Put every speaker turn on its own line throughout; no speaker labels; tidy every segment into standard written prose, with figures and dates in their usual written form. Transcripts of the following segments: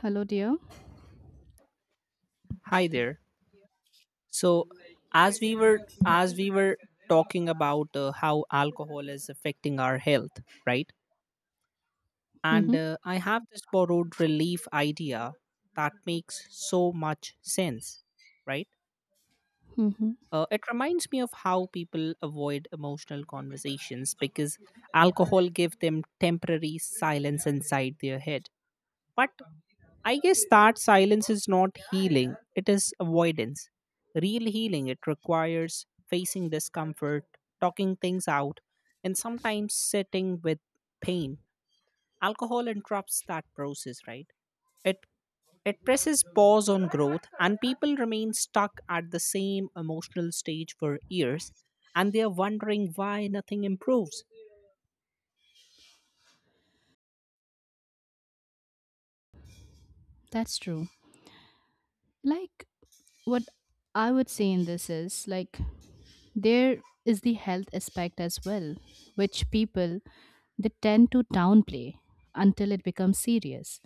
Hello, dear.
Hi there. So, as we were as we were talking about how alcohol is affecting our health, right? And
Mm-hmm.
I have this borrowed relief idea that makes so much sense, right?
Mm-hmm.
It reminds me of how people avoid emotional conversations because alcohol give them temporary silence inside their head. But I guess that silence is not healing, it is avoidance. Real healing, it requires facing discomfort, talking things out, and sometimes sitting with pain. Alcohol interrupts that process, right? It it presses pause on growth and people remain stuck at the same emotional stage for years and they are wondering why nothing improves.
That's true. Like, what I would say in this is like, there is the health aspect as well, which people they tend to downplay until it becomes serious.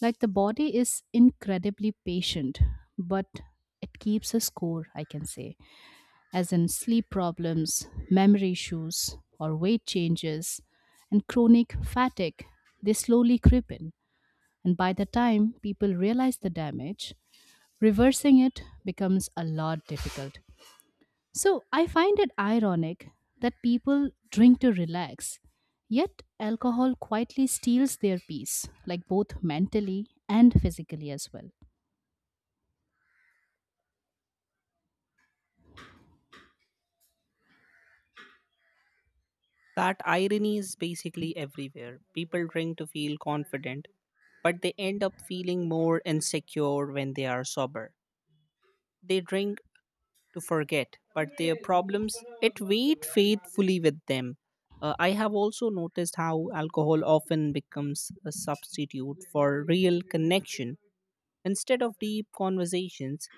Like, the body is incredibly patient, but it keeps a score, I can say, as in sleep problems, memory issues, or weight changes, and chronic fatigue. They slowly creep in. And by the time people realize the damage, reversing it becomes a lot difficult. So I find it ironic that people drink to relax, yet alcohol quietly steals their peace, like both mentally and physically as well.
That irony is basically everywhere. People drink to feel confident, but they end up feeling more insecure when they are sober. They drink to forget, but their problems it wait faithfully with them. I have also noticed how alcohol often becomes a substitute for real connection. Instead of deep conversations,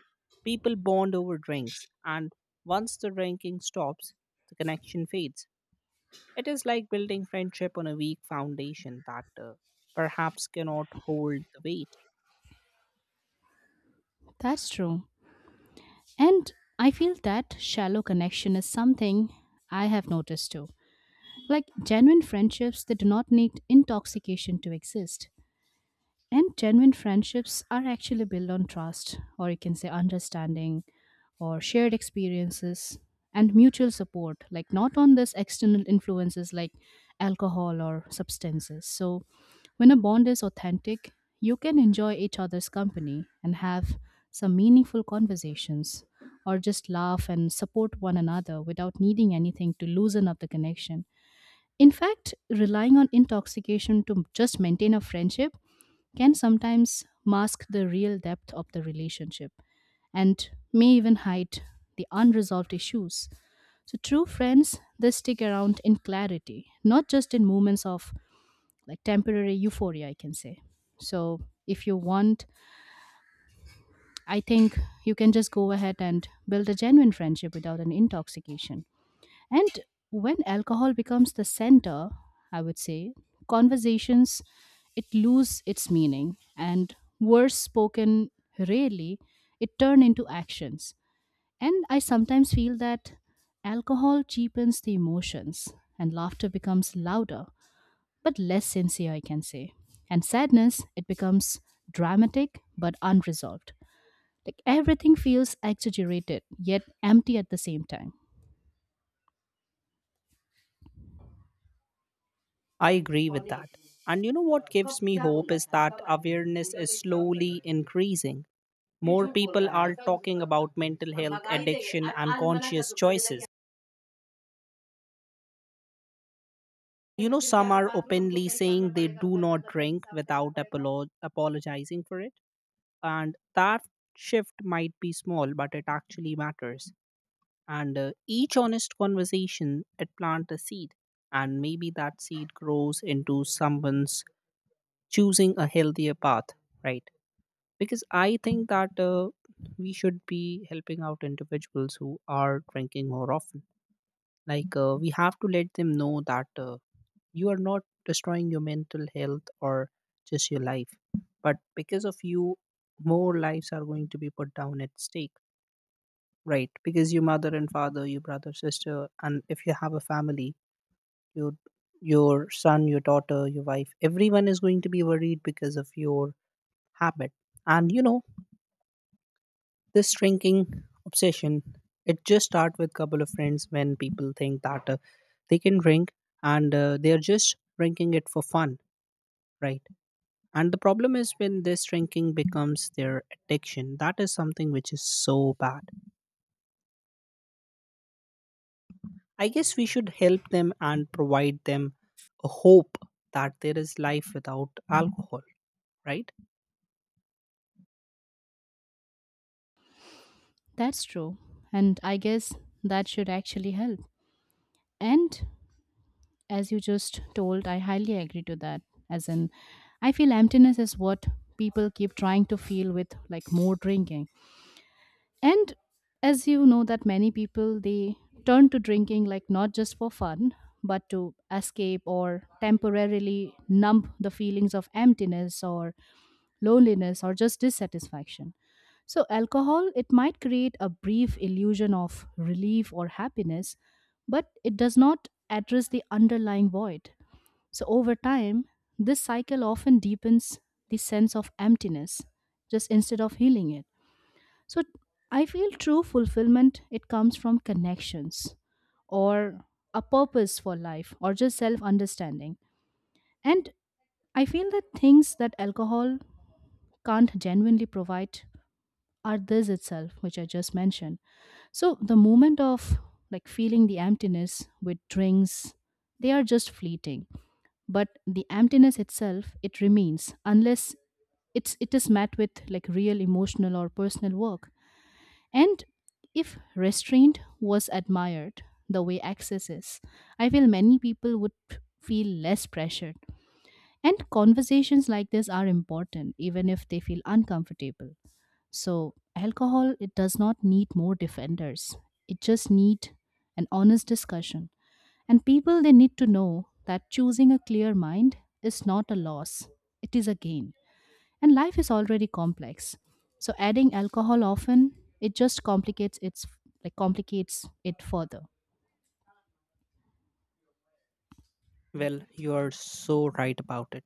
people bond over drinks, and once the drinking stops, the connection fades. It is like building friendship on a weak foundation that perhaps cannot hold the weight.
That's true. And I feel that shallow connection is something I have noticed too. Like genuine friendships, they do not need intoxication to exist. And genuine friendships are actually built on trust, or you can say understanding, or shared experiences, and mutual support, like not on this external influences like alcohol or substances. So, when a bond is authentic, you can enjoy each other's company and have some meaningful conversations, or just laugh and support one another without needing anything to loosen up the connection. In fact, relying on intoxication to just maintain a friendship can sometimes mask the real depth of the relationship and may even hide the unresolved issues. So, true friends, they stick around in clarity, not just in moments of like temporary euphoria, I can say. So, if you want, I think you can just go ahead and build a genuine friendship without an intoxication. And when alcohol becomes the center, I would say, conversations it lose its meaning and words spoken rarely it turn into actions. And I sometimes feel that alcohol cheapens the emotions and laughter becomes louder but less sincere, I can say. And sadness it becomes dramatic but unresolved. Like everything feels exaggerated yet empty at the same time.
I agree with that. And you know what gives me hope is that awareness is slowly increasing. More people are talking about mental health, addiction, and conscious choices. You know, some are openly saying they do not drink without apologizing for it. And that shift might be small, but it actually matters. And each honest conversation, it plant a seed. And maybe that seed grows into someone's choosing a healthier path, right? Because I think that we should be helping out individuals who are drinking more often. Like, we have to let them know that you are not destroying your mental health or just your life. But because of you, more lives are going to be put down at stake. Right, because your mother and father, your brother, sister, and if you have a family, your your son, your daughter, your wife, everyone is going to be worried because of your habit. And you know, this drinking obsession, it just start with couple of friends when people think that they can drink and they are just drinking it for fun, right? And the problem is when this drinking becomes their addiction. That is something which is so bad. I guess we should help them and provide them a hope that there is life without alcohol, right?
That's true. And I guess that should actually help. And as you just told, I highly agree to that. As in, I feel emptiness is what people keep trying to feel with like more drinking and as you know that many people they turn to drinking like not just for fun but to escape or temporarily numb the feelings of emptiness or loneliness or just dissatisfaction. So alcohol it might create a brief illusion of relief or happiness but it does not address the underlying void. So over time this cycle often deepens the sense of emptiness just instead of healing it. So I feel true fulfillment it comes from connections or a purpose for life or just self-understanding. And I feel that things that alcohol can't genuinely provide are this itself which I just mentioned. So the moment of like feeling the emptiness with drinks they are just fleeting, but the emptiness itself it remains unless it is met with like real emotional or personal work. And if restraint was admired the way access is, I feel many people would feel less pressured. And conversations like this are important, even if they feel uncomfortable. So, alcohol, it does not need more defenders, it just needs an honest discussion. And people, they need to know that choosing a clear mind is not a loss, it is a gain. And life is already complex. So adding alcohol often, it just complicates its like complicates it further.
Well, you are so right about it.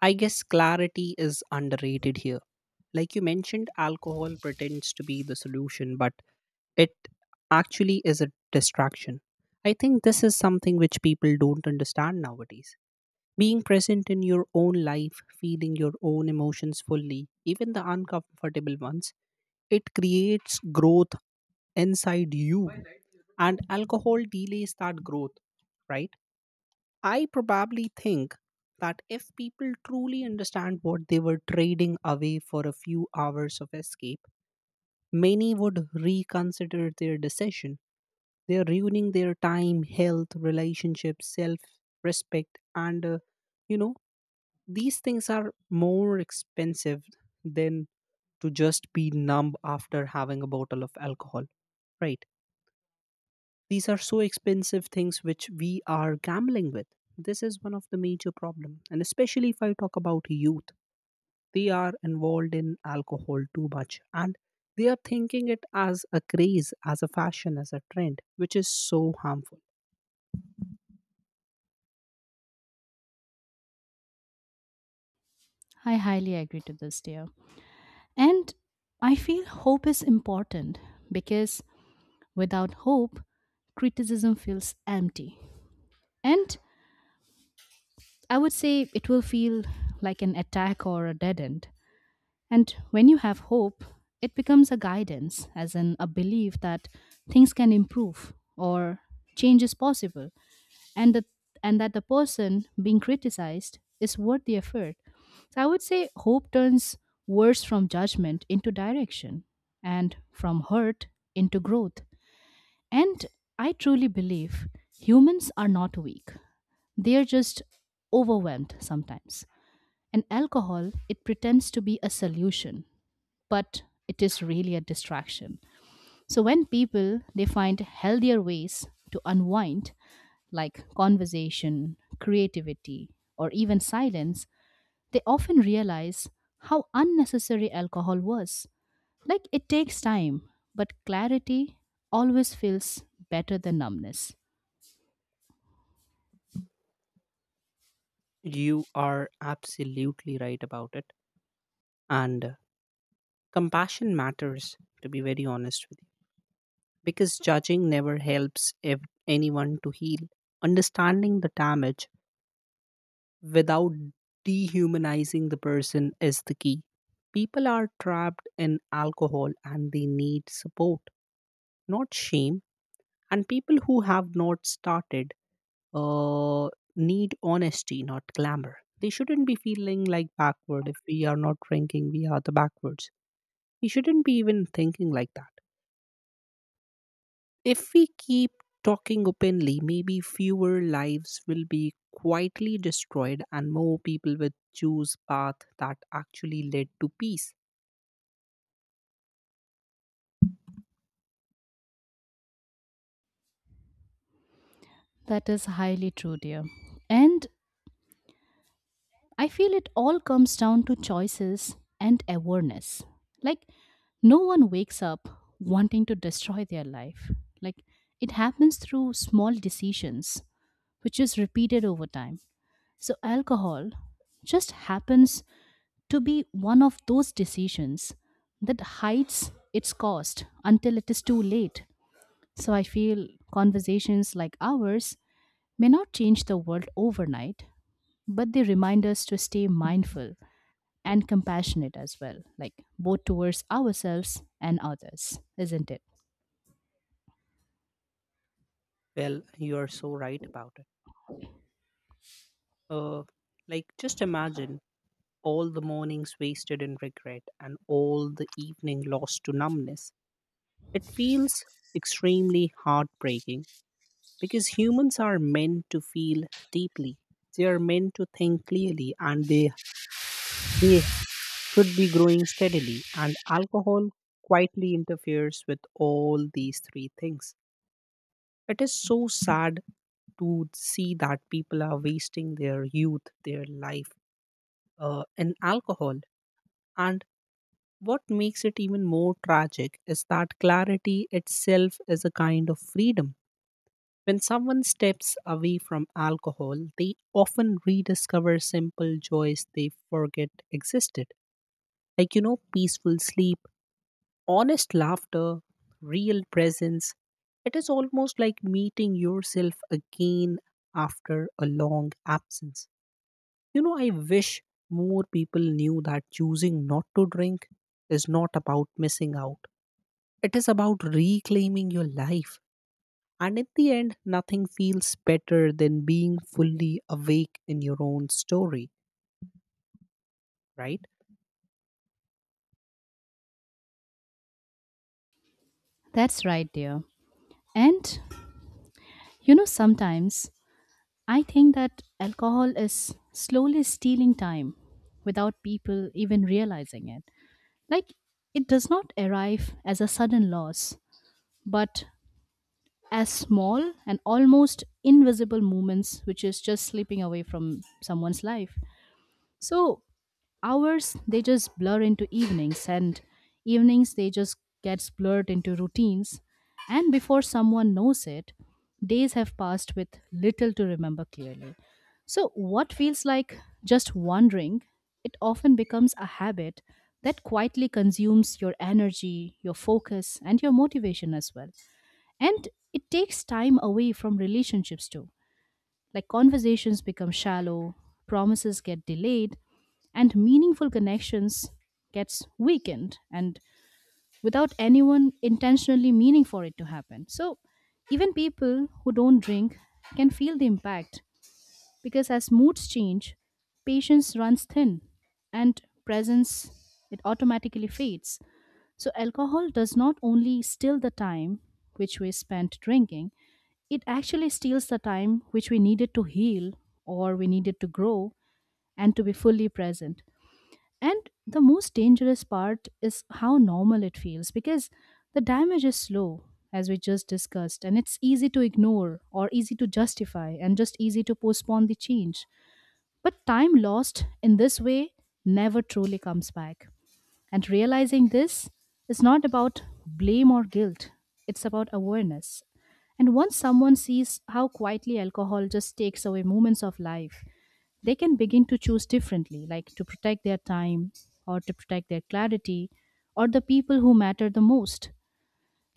I guess clarity is underrated here. Like you mentioned, alcohol pretends to be the solution, but it actually is a distraction. I think this is something which people don't understand nowadays. Being present in your own life, feeling your own emotions fully, even the uncomfortable ones, it creates growth inside you, and alcohol delays that growth, right? I probably think that if people truly understand what they were trading away for a few hours of escape, many would reconsider their decision. They're ruining their time, health, relationships, self respect, and you know, these things are more expensive than to just be numb after having a bottle of alcohol, right? These are so expensive things which we are gambling with. This is one of the major problem, and especially if I talk about youth, they are involved in alcohol too much, and they are thinking it as a craze, as a fashion, as a trend, which is so harmful.
I highly agree to this, dear. And I feel hope is important because without hope, criticism feels empty. And I would say it will feel like an attack or a dead end. And when you have hope, it becomes a guidance, as in a belief that things can improve or change is possible. and the and that the person being criticized is worth the effort. So I would say hope turns words from judgment into direction and from hurt into growth. And I truly believe humans are not weak. They are just overwhelmed sometimes. And alcohol, it pretends to be a solution, but it is really a distraction. So when people they find healthier ways to unwind like conversation, creativity, or even silence, they often realize how unnecessary alcohol was. Like it takes time, but clarity always feels better than numbness.
You are absolutely right about it, and compassion matters. To be very honest with you, because judging never helps anyone to heal. Understanding the damage without dehumanizing the person is the key. People are trapped in alcohol and they need support, not shame. And people who have not started uh, need honesty, not glamour. They shouldn't be feeling like backward. If we are not drinking, we are the backwards. We shouldn't be even thinking like that. If we keep talking openly, maybe fewer lives will be quietly destroyed and more people will choose path that actually led to peace.
That is highly true, dear. And I feel it all comes down to choices and awareness. Like, no one wakes up wanting to destroy their life. Like, it happens through small decisions, which is repeated over time. So, alcohol just happens to be one of those decisions that hides its cost until it is too late. So, I feel conversations like ours may not change the world overnight, but they remind us to stay mindful and compassionate as well, like both towards ourselves and others, isn't it?
Well, you are so right about it. Uh, like, just imagine all the mornings wasted in regret and all the evening lost to numbness. It feels extremely heartbreaking because humans are meant to feel deeply. They are meant to think clearly, and they should be growing steadily, and alcohol quietly interferes with all these three things. It is so sad to see that people are wasting their youth, their life, in alcohol. And what makes it even more tragic is that clarity itself is a kind of freedom. When someone steps away from alcohol, they often rediscover simple joys they forget existed. Like, you know, peaceful sleep, honest laughter, real presence. It is almost like meeting yourself again after a long absence. You know, I wish more people knew that choosing not to drink is not about missing out, it is about reclaiming your life. And in the end, nothing feels better than being fully awake in your own story, right?
That's right, dear. And you know, sometimes I think that alcohol is slowly stealing time without people even realizing it. Like, it does not arrive as a sudden loss, but as small and almost invisible moments, which is just slipping away from someone's life. So, hours they just blur into evenings and evenings they just gets blurred into routines and before someone knows it days have passed with little to remember clearly. So what feels like just wandering it often becomes a habit that quietly consumes your energy, your focus, and your motivation as well. And it takes time away from relationships too, like conversations become shallow, promises get delayed, and meaningful connections gets weakened and without anyone intentionally meaning for it to happen. So even people who don't drink can feel the impact because as moods change, patience runs thin and presence it automatically fades. So, alcohol does not only steal the time which we spent drinking, it actually steals the time which we needed to heal or we needed to grow and to be fully present. And the most dangerous part is how normal it feels because the damage is slow, as we just discussed, and it's easy to ignore or easy to justify and just easy to postpone the change. But time lost in this way never truly comes back. And realizing this is not about blame or guilt, it's about awareness. And once someone sees how quietly alcohol just takes away moments of life, they can begin to choose differently, like to protect their time or to protect their clarity or the people who matter the most.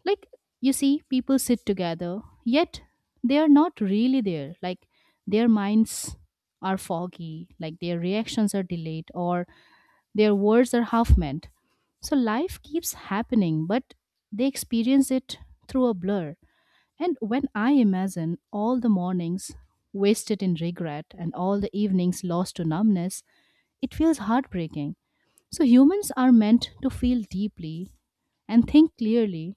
Like, you see, people sit together, yet they are not really there. Like, their minds are foggy, like their reactions are delayed, or their words are half meant. So life keeps happening, but they experience it through a blur. And when I imagine all the mornings wasted in regret and all the evenings lost to numbness, it feels heartbreaking. So humans are meant to feel deeply and think clearly,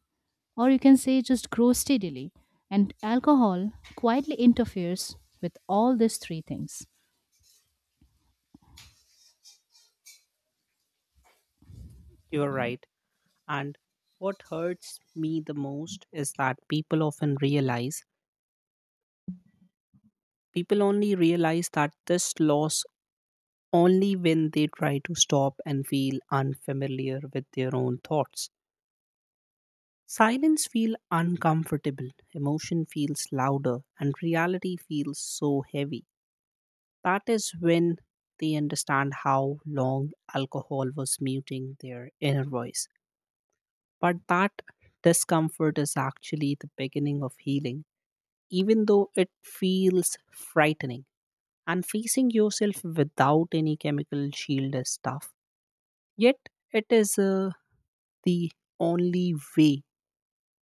or you can say just grow steadily. And alcohol quietly interferes with all these three things.
You're right. And what hurts me the most is that people only realize that this loss only when they try to stop and feel unfamiliar with their own thoughts. Silence feels uncomfortable, emotion feels louder, and reality feels so heavy. That is when they understand how long alcohol was muting their inner voice. But that discomfort is actually the beginning of healing even though it feels frightening. And facing yourself without any chemical shield is tough. Yet, it is the only way,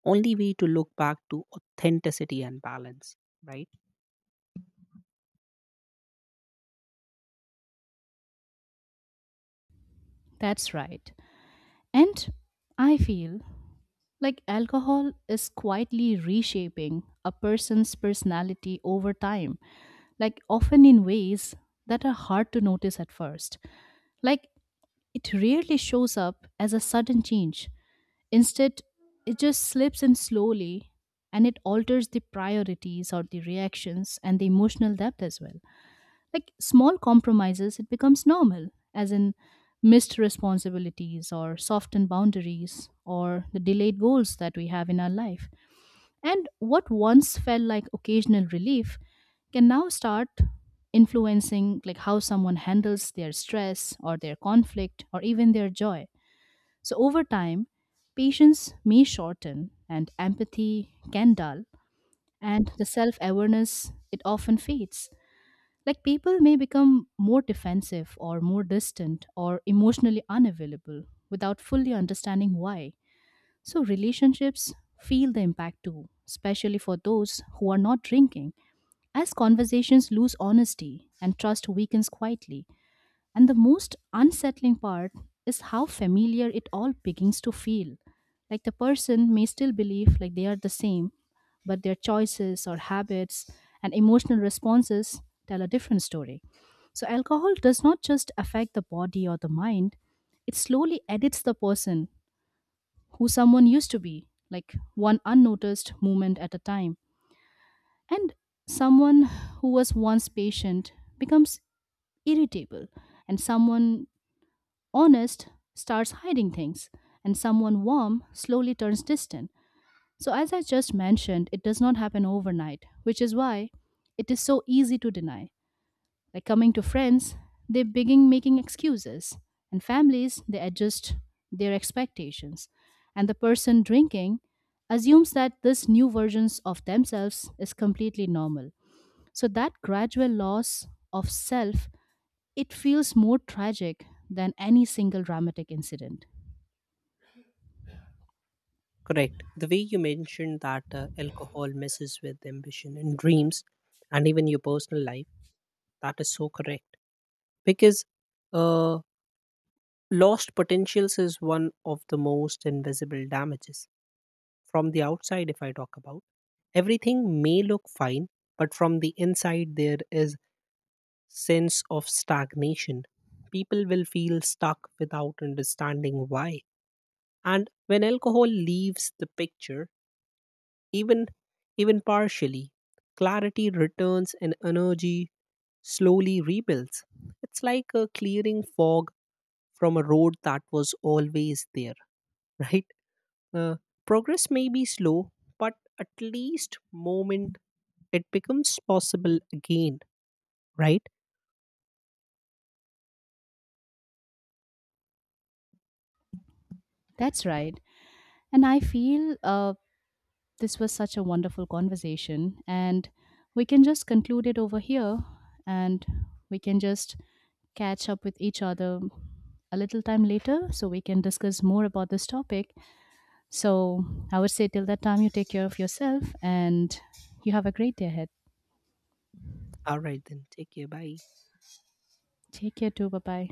only way to look back to authenticity and balance, right?
That's right. And I feel, like alcohol is quietly reshaping a person's personality over time, like often in ways that are hard to notice at first. Like it rarely shows up as a sudden change. Instead, it just slips in slowly and it alters the priorities or the reactions and the emotional depth as well. Like small compromises, it becomes normal, as in missed responsibilities or softened boundaries or the delayed goals that we have in our life and what once felt like occasional relief can now start influencing like how someone handles their stress or their conflict or even their joy. So over time, patience may shorten and empathy can dull and the self-awareness it often fades. Like people may become more defensive or more distant or emotionally unavailable without fully understanding why. So, relationships feel the impact too, especially for those who are not drinking, as conversations lose honesty and trust weakens quietly. And the most unsettling part is how familiar it all begins to feel. Like the person may still believe like they are the same, but their choices or habits and emotional responses tell a different story. So, alcohol does not just affect the body or the mind, it slowly edits the person who someone used to be, like one unnoticed movement at a time. And someone who was once patient becomes irritable, and someone honest starts hiding things, and someone warm slowly turns distant. So, as I just mentioned, it does not happen overnight, which is why it is so easy to deny. Like coming to friends, they begin making excuses, and families, they adjust their expectations. And the person drinking assumes that this new versions of themselves is completely normal. So that gradual loss of self, it feels more tragic than any single dramatic incident.
Correct. The way you mentioned that alcohol messes with ambition and dreams, and even your personal life, that is so correct. Because uh, lost potentials is one of the most invisible damages. From the outside, if I talk about, everything may look fine, but from the inside, there is sense of stagnation. People will feel stuck without understanding why. And when alcohol leaves the picture, even even partially, clarity returns and energy slowly rebuilds. It's like a clearing fog from a road that was always there, right? Uh, Progress may be slow, but at least moment it becomes possible again, right?
That's right. And I feel this was such a wonderful conversation, and we can just conclude it over here and we can just catch up with each other a little time later so we can discuss more about this topic. So I would say till that time, you take care of yourself and you have a great day ahead.
All right, then. Take care. Bye.
Take care too. Bye bye.